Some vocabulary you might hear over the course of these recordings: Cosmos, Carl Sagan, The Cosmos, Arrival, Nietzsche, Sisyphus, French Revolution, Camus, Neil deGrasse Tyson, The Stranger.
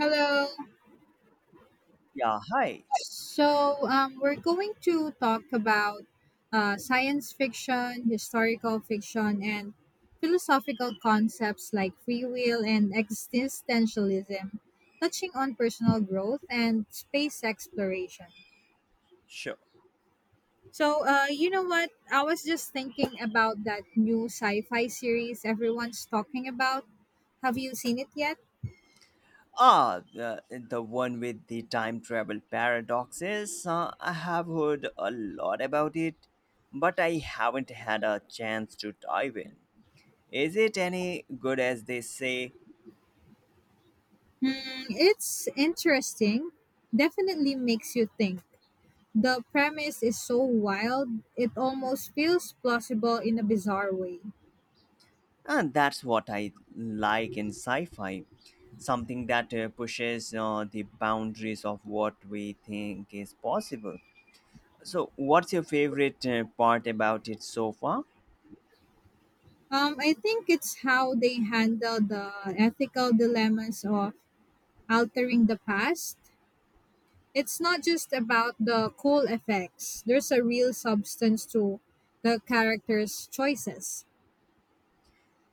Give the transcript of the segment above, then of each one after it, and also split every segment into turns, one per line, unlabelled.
Hello.
Yeah, hi.
We're going to talk about science fiction, historical fiction, and philosophical concepts like free will and existentialism, touching on personal growth and space exploration.
Sure.
So, you know what? I was just thinking about that new sci fi series everyone's talking about. Have you seen it yet?
The one with the time travel paradoxes. I have heard a lot about it, but I haven't had a chance to dive in. Is it any good as they say?
Hmm, it's interesting. Definitely makes you think. The premise is so wild, it almost feels plausible in a bizarre way.
And that's what I like in sci fi, something that pushes the boundaries of what we think is possible. So, what's your favorite part about it so far?
I think it's how they handle the ethical dilemmas of altering the past. It's not just about the cool effects, there's a real substance to the characters' choices.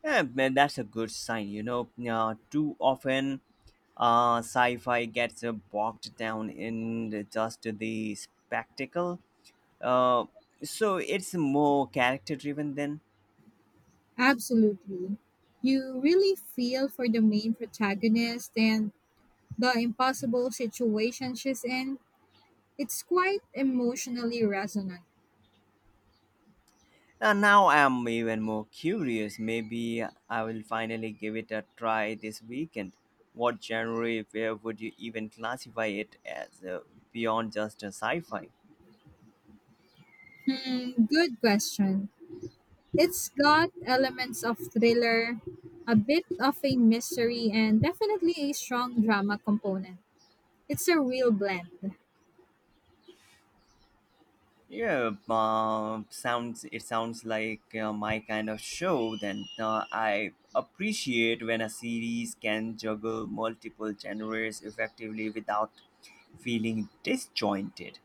Yeah, man, that's a good sign. You know, too often sci fi gets bogged down in just the spectacle. Uh, so it's more character driven then.
Absolutely. You really feel for the main protagonist and the impossible situation she's in. It's quite emotionally resonant.
Now I'm even more curious. Maybe I will finally give it a try this weekend. What genre, where would you even classify it as, beyond just a sci fi?
Hmm, good question. It's got elements of thriller, a bit of a mystery, and definitely a strong drama component. It's a real blend.
Yeah, sounds it sounds like my kind of show. Then I appreciate when a series can juggle multiple genres effectively without feeling disjointed.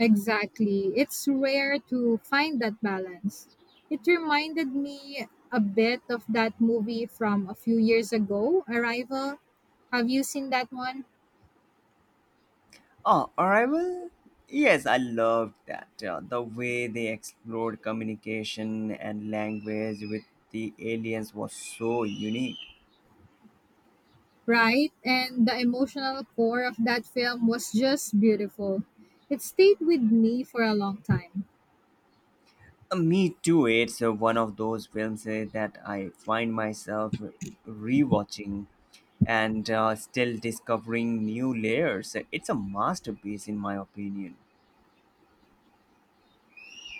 Exactly. It's rare to find that balance. It reminded me a bit of that movie from a few years ago, Arrival. Have you seen that one?
Oh, Arrival? Yes, I loved that. The way they explored communication and language with the aliens was so unique.
Right? And the emotional core of that film was just beautiful. It stayed with me for a long time.
Me too, it's one of those films that I find myself rewatching and still discovering new layers. It's a masterpiece, in my opinion.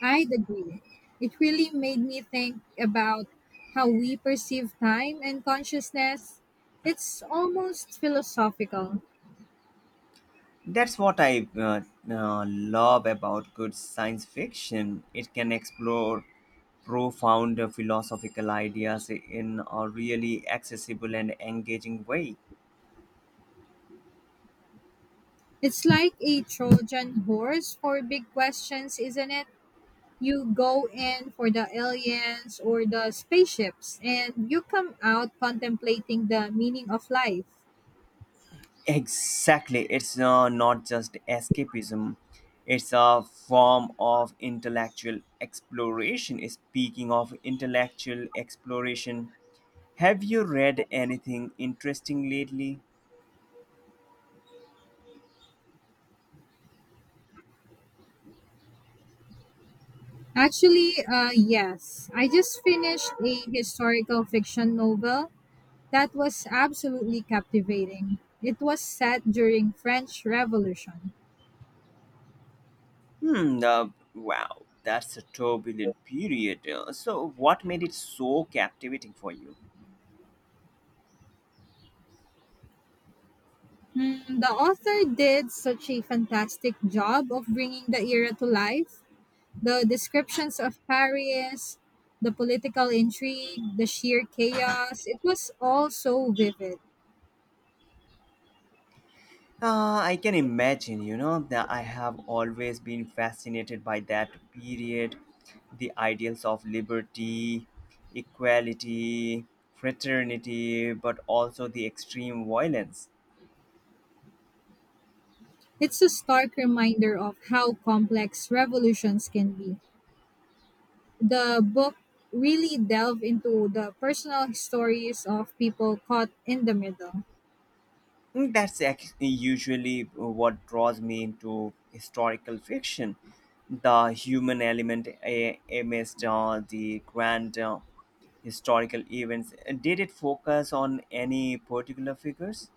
I'd agree. It really made me think about how we perceive time and consciousness. It's almost philosophical.
That's what I love about good science fiction. It can explore profound philosophical ideas in a really accessible and engaging way.
It's like a Trojan horse for big questions, isn't it? You go in for the aliens or the spaceships, and you come out contemplating the meaning of life.
Exactly. It's not just escapism, it's a form of intellectual exploration. Speaking of intellectual exploration, have you read anything interesting lately?
Actually, yes. I just finished a historical fiction novel that was absolutely captivating. It was set during French Revolution.
Hmm, wow, that's a turbulent period. So what made it so captivating for you?
Hmm, the author did such a fantastic job of bringing the era to life. The descriptions of Paris, the political intrigue, the sheer chaos, it was all so vivid.
I can imagine, you know, that I have always been fascinated by that period, the ideals of liberty, equality, fraternity, but also the extreme violence.
It's a stark reminder of how complex revolutions can be. The book really delved into the personal stories of people caught in the middle.
Mm, that's usually what draws me into historical fiction. The human element amidst the grand historical events. Did it focus on any particular figures?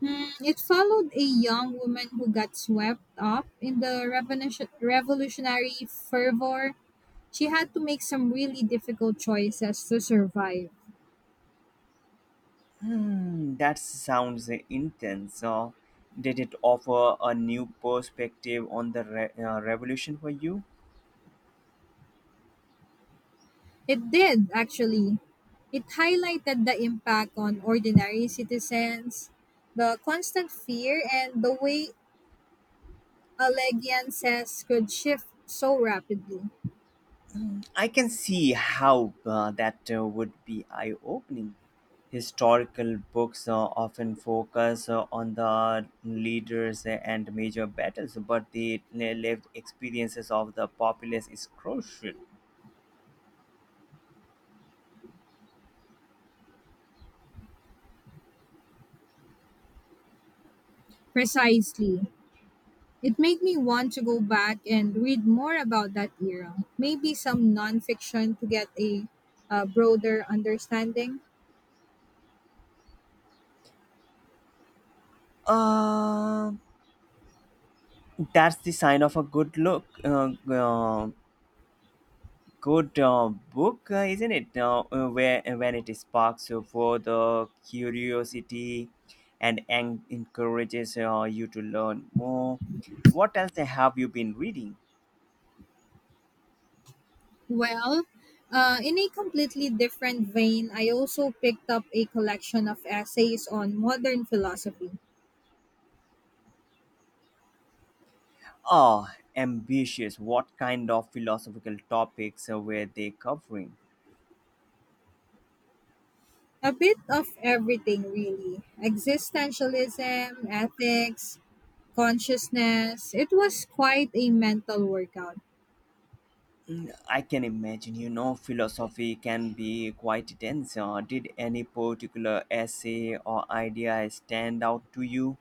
Mm, it followed a young woman who got swept up in the revolutionary fervor. She had to make some really difficult choices to survive.
Hmm, that sounds intense. Did it offer a new perspective on the revolution for you?
It did, actually. It highlighted the impact on ordinary citizens, the constant fear, and the way allegiances could shift so rapidly.
I can see how that would be eye opening. Historical books often focus on the leaders and major battles, but the lived experiences of the populace is crucial.
Precisely. It made me want to go back and read more about that era. Maybe some nonfiction to get a broader understanding.
Uh, that's the sign of a good look. Good book, isn't it? Where When it sparks for the curiosity and encourages you to learn more. What else have you been reading?
Well, in a completely different vein, I also picked up a collection of essays on modern philosophy.
Ah, ambitious. What kind of philosophical topics were they covering?
A bit of everything, really existentialism, ethics, consciousness. It was quite a mental workout.
Mm, I can imagine, you know, philosophy can be quite dense. Did any particular essay or idea stand out to you?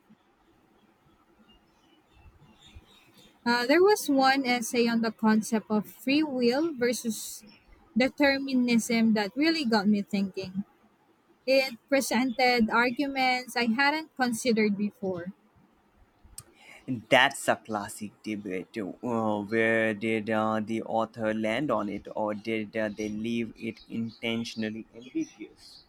There was one essay on the concept of free will versus determinism that really got me thinking. It presented arguments I hadn't considered before.
That's a classic debate. Where did the author land on it, or did they leave it intentionally ambiguous?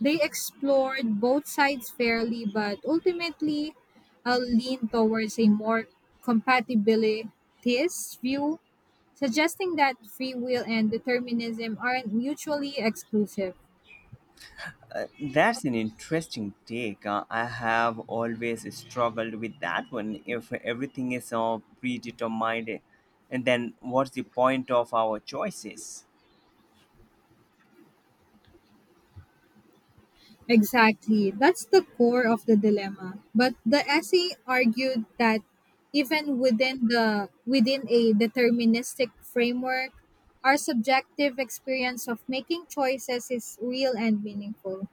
They explored both sides fairly, but ultimately leaned towards a more compatibilitist view, suggesting that free will and determinism aren't mutually exclusive.
That's an interesting take. I have always struggled with that one. If everything is predetermined, and then what's the point of our choices?
Exactly. That's the core of the dilemma. But the essay argued that even within a deterministic framework, our subjective experience of making choices is real and meaningful.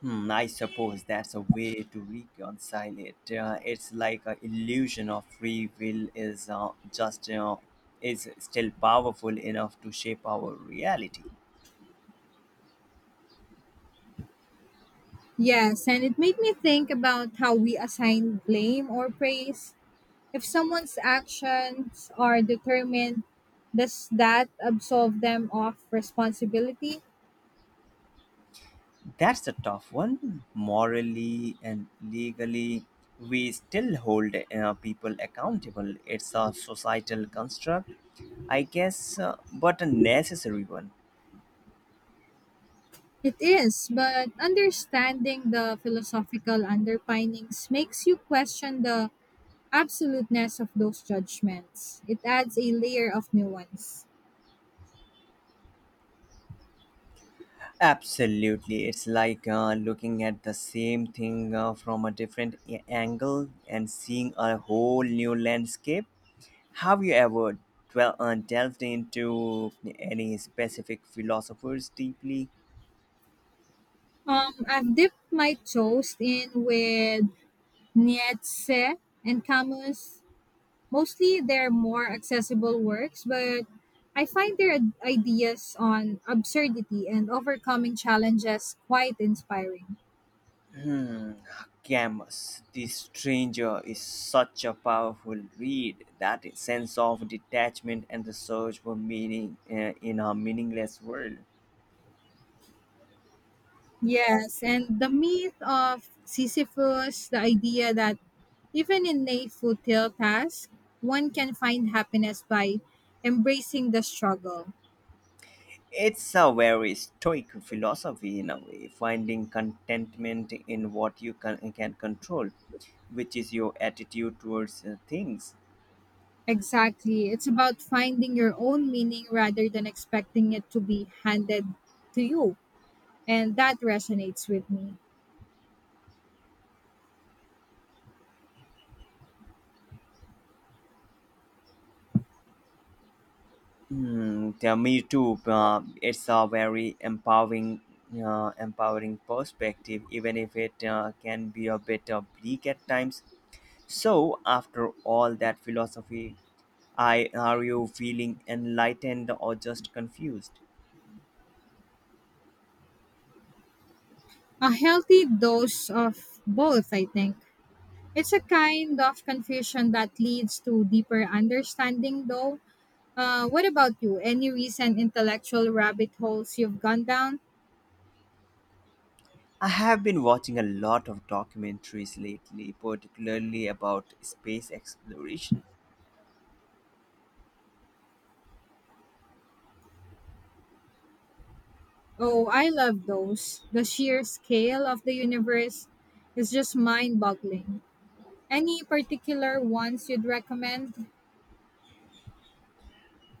Hmm, I suppose that's a way to reconcile it. It's like an illusion of free will is just is still powerful enough to shape our reality.
Yes, and it made me think about how we assign blame or praise. If someone's actions are determined, does that absolve them of responsibility?
That's a tough one. Morally and legally, we still hold people accountable. It's a societal construct, I guess, but a necessary one.
It is, but understanding the philosophical underpinnings makes you question the absoluteness of those judgments. It adds a layer of nuance.
Absolutely. It's like looking at the same thing from a different angle and seeing a whole new landscape. Have you ever delved into any specific philosophers deeply?
I've dipped my toes in with Nietzsche and Camus. Mostly their more accessible works, but I find their ideas on absurdity and overcoming challenges quite inspiring.
Hmm, Camus, The Stranger is such a powerful read. That sense of detachment and the search for meaning in a meaningless world.
Yes, and the myth of Sisyphus, the idea that even in a futile task, one can find happiness by embracing the struggle.
It's a very stoic philosophy in a way, finding contentment in what you can control, which is your attitude towards things.
Exactly. It's about finding your own meaning rather than expecting it to be handed to you. And that resonates with me.
Mm, yeah, me too. It's a very empowering perspective, even if it can be a bit bleak at times. So, after all that philosophy, I are you feeling enlightened or just confused?
A healthy dose of both, I think. It's a kind of confusion that leads to deeper understanding, though. What about you? Any recent intellectual rabbit holes you've gone down?
I have been watching a lot of documentaries lately, particularly about space exploration.
Oh, I love those. The sheer scale of the universe is just mind boggling. Any particular ones you'd recommend?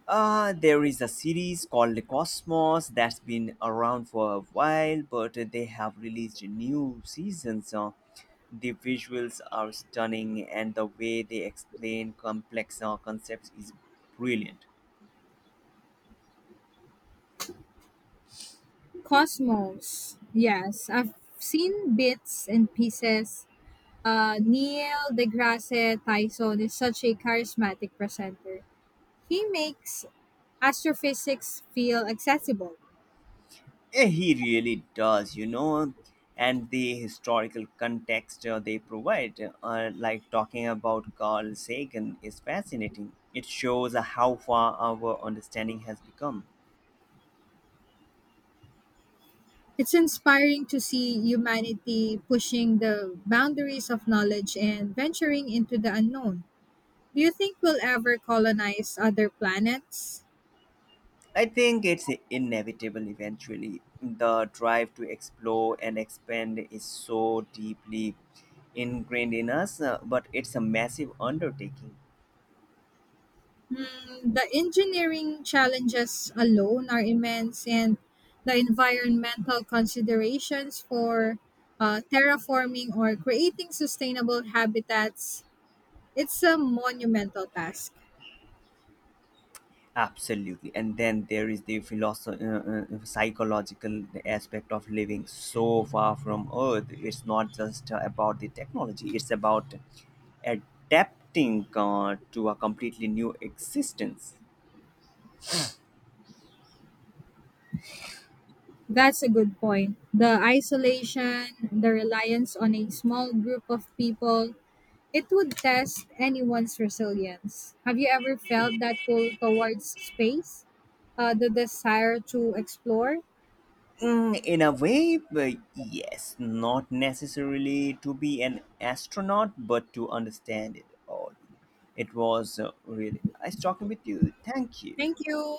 There is a series called The Cosmos that's been around for a while, but they have released new seasons. The visuals are stunning, and the way they explain complex concepts is brilliant.
Cosmos. Yes, I've seen bits and pieces. Neil deGrasse Tyson is such a charismatic presenter. He makes astrophysics feel accessible.
He really does, you know, and the historical context they provide, like talking about Carl Sagan, is fascinating. It shows how far our understanding has become.
It's inspiring to see humanity pushing the boundaries of knowledge and venturing into the unknown. Do you think we'll ever colonize other planets?
I think it's inevitable eventually. The drive to explore and expand is so deeply ingrained in us, but it's a massive undertaking.
Hmm, the engineering challenges alone are immense, and the environmental considerations for terraforming or creating sustainable habitats, it's a monumental task.
Absolutely, and then there is the psychological aspect of living so far from earth. It's not just about the technology, it's about adapting to a completely new existence.
That's a good point. The isolation, the reliance on a small group of people, it would test anyone's resilience. Have you ever felt that pull towards space? The desire to explore?
Mm, in a way, but yes, not necessarily to be an astronaut, but to understand it all. It was really nice talking with you, thank you.
Thank you.